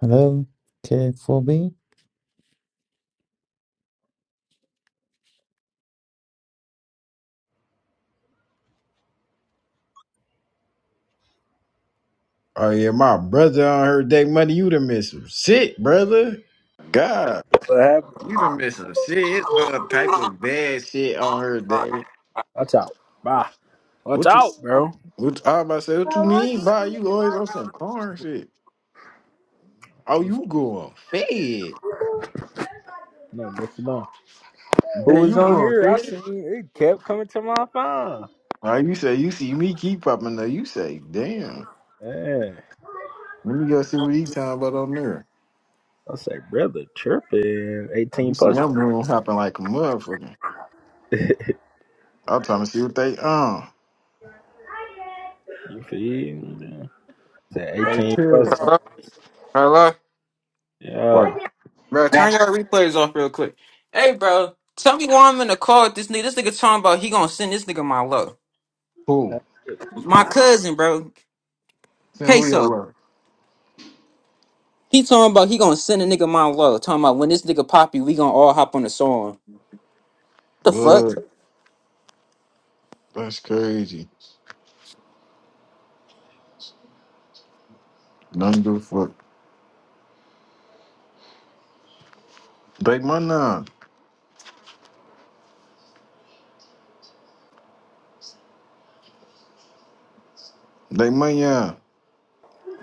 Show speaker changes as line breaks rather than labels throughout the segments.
Hello, K4B.
Oh yeah, my brother on her day money, you done missed some shit, brother. God,
What happened?
you done missed some shit. It's all type of bad shit on her day.
Watch out. Bye. Watch
What you
out, bro.
what I was about to say, what you mean by you always on some corn shit? Oh, you going fed.
No, what's no. Who
Damn,
was
you
on
going
here? I
fed.
seen it kept coming to my phone.
Oh, you say you see me keep popping though. You say, damn.
Yeah.
Let me go see what he talking about on there.
I say, brother, tripping.
You
18
see
plus.
I'm room hopping like a motherfucker.
you
I'm trying to see what they um.
feel me? Said
Hey
18
Chris.
plus.
Hello? Hello?
What?
Yo.
Bro, turn your replays off real quick. Hey, bro, tell me why I'm in the car with this nigga. This nigga talking about he gonna send this nigga my love.
Who?
My cousin, bro,
Send who your
Queso.
love?
He talking about he gonna send a nigga my love. Talking about when this nigga poppy, we gonna all hop on the song. the fuck?
But that's crazy. None do fuck. Take my nine. Take my nine.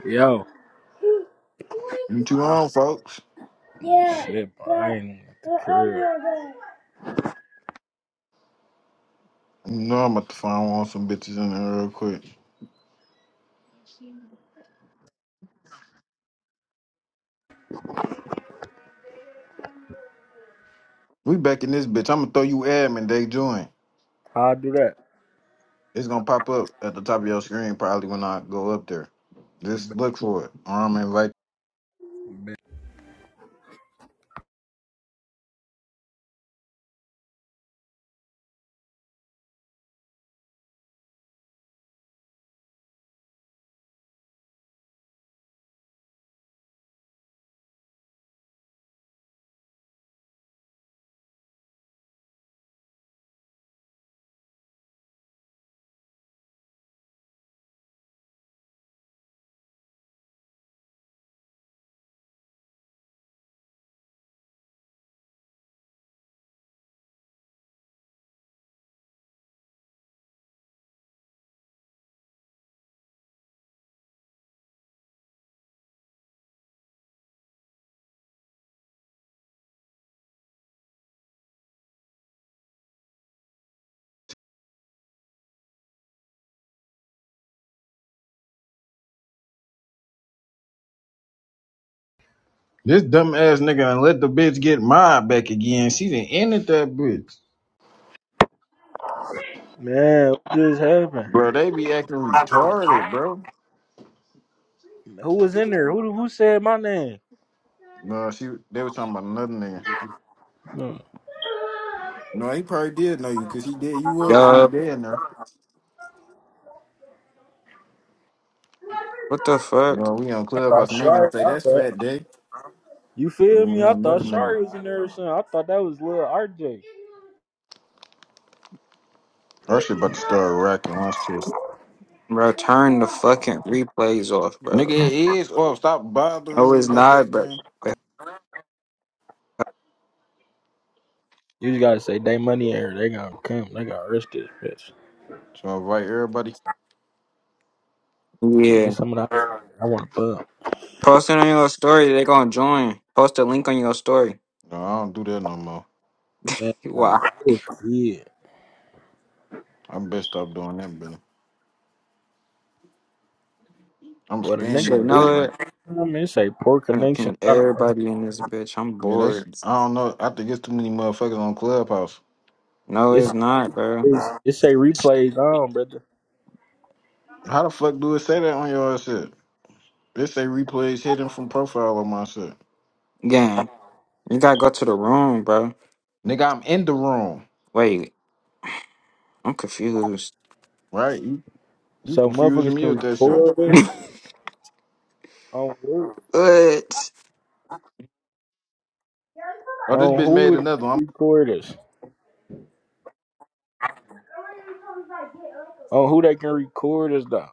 Yo.
You two on, folks.
Shit, bro. I ain't even at the crib.
You know I'm about to find one some bitches in there real quick. We back in this bitch. I'm gonna throw you admin. They join.
How I do that?
It's gonna pop up at the top of your screen probably when I go up there. Just look for it. Or I'm gonna invite this dumb ass nigga and let the bitch get my back again. She didn't ended that bitch.
Man, what just happened?
Bro, they be acting retarded, bro.
Who was in there? Who who said my name?
No, she they was talking about another nigga.
Hmm.
No, he probably did know you because he did. You was the only
Yo,
day in there.
what the fuck?
No, we on
I
Clubhouse
got
and they gonna say
shot.
that's Fat Day.
You feel me?
We
I
on another
thought
nigga.
Shari was in there or something. I thought that was Lil RJ.
Our shit about to start racking. Watch this.
Bro, turn the fucking replays off,
Nigga,
bro.
it is. Oh, stop bothering
No,
me
it's
about
not,
that
bro.
game.
You just gotta say they money in here. They gonna come. They gonna arrest this bitch.
So I invite everybody.
Hey, get
Yeah.
some of that. I want to bump.
Post it on your story, they gonna join. Post a link on your story.
No, I don't do that no more.
Man,
Wow.
uh, yeah.
i best stop doing that, Billy. I'm
What a
spamming
nigga
Shit,
do.
no.
inviting.
I mean, it say poor
Gonna
connection.
ping everybody in this bitch. I'm
Yeah, they. s-
bored.
I don't know. I think it's too many motherfuckers on Clubhouse.
No, it's
It's,
not, bro.
it's it say replays on, brother.
How the fuck do it say that on your shit? It say replays hidden from profile on my shit.
Gang, you gotta go to the room, bro.
Nigga, I'm in the room,
Wait, I'm confused.
right? You
So
confusing
motherfuckers
me
can
with that shit.
record this on who?
what?
Oh, this
On
bitch
who
made
would
another one.
record us? On who they can record us though?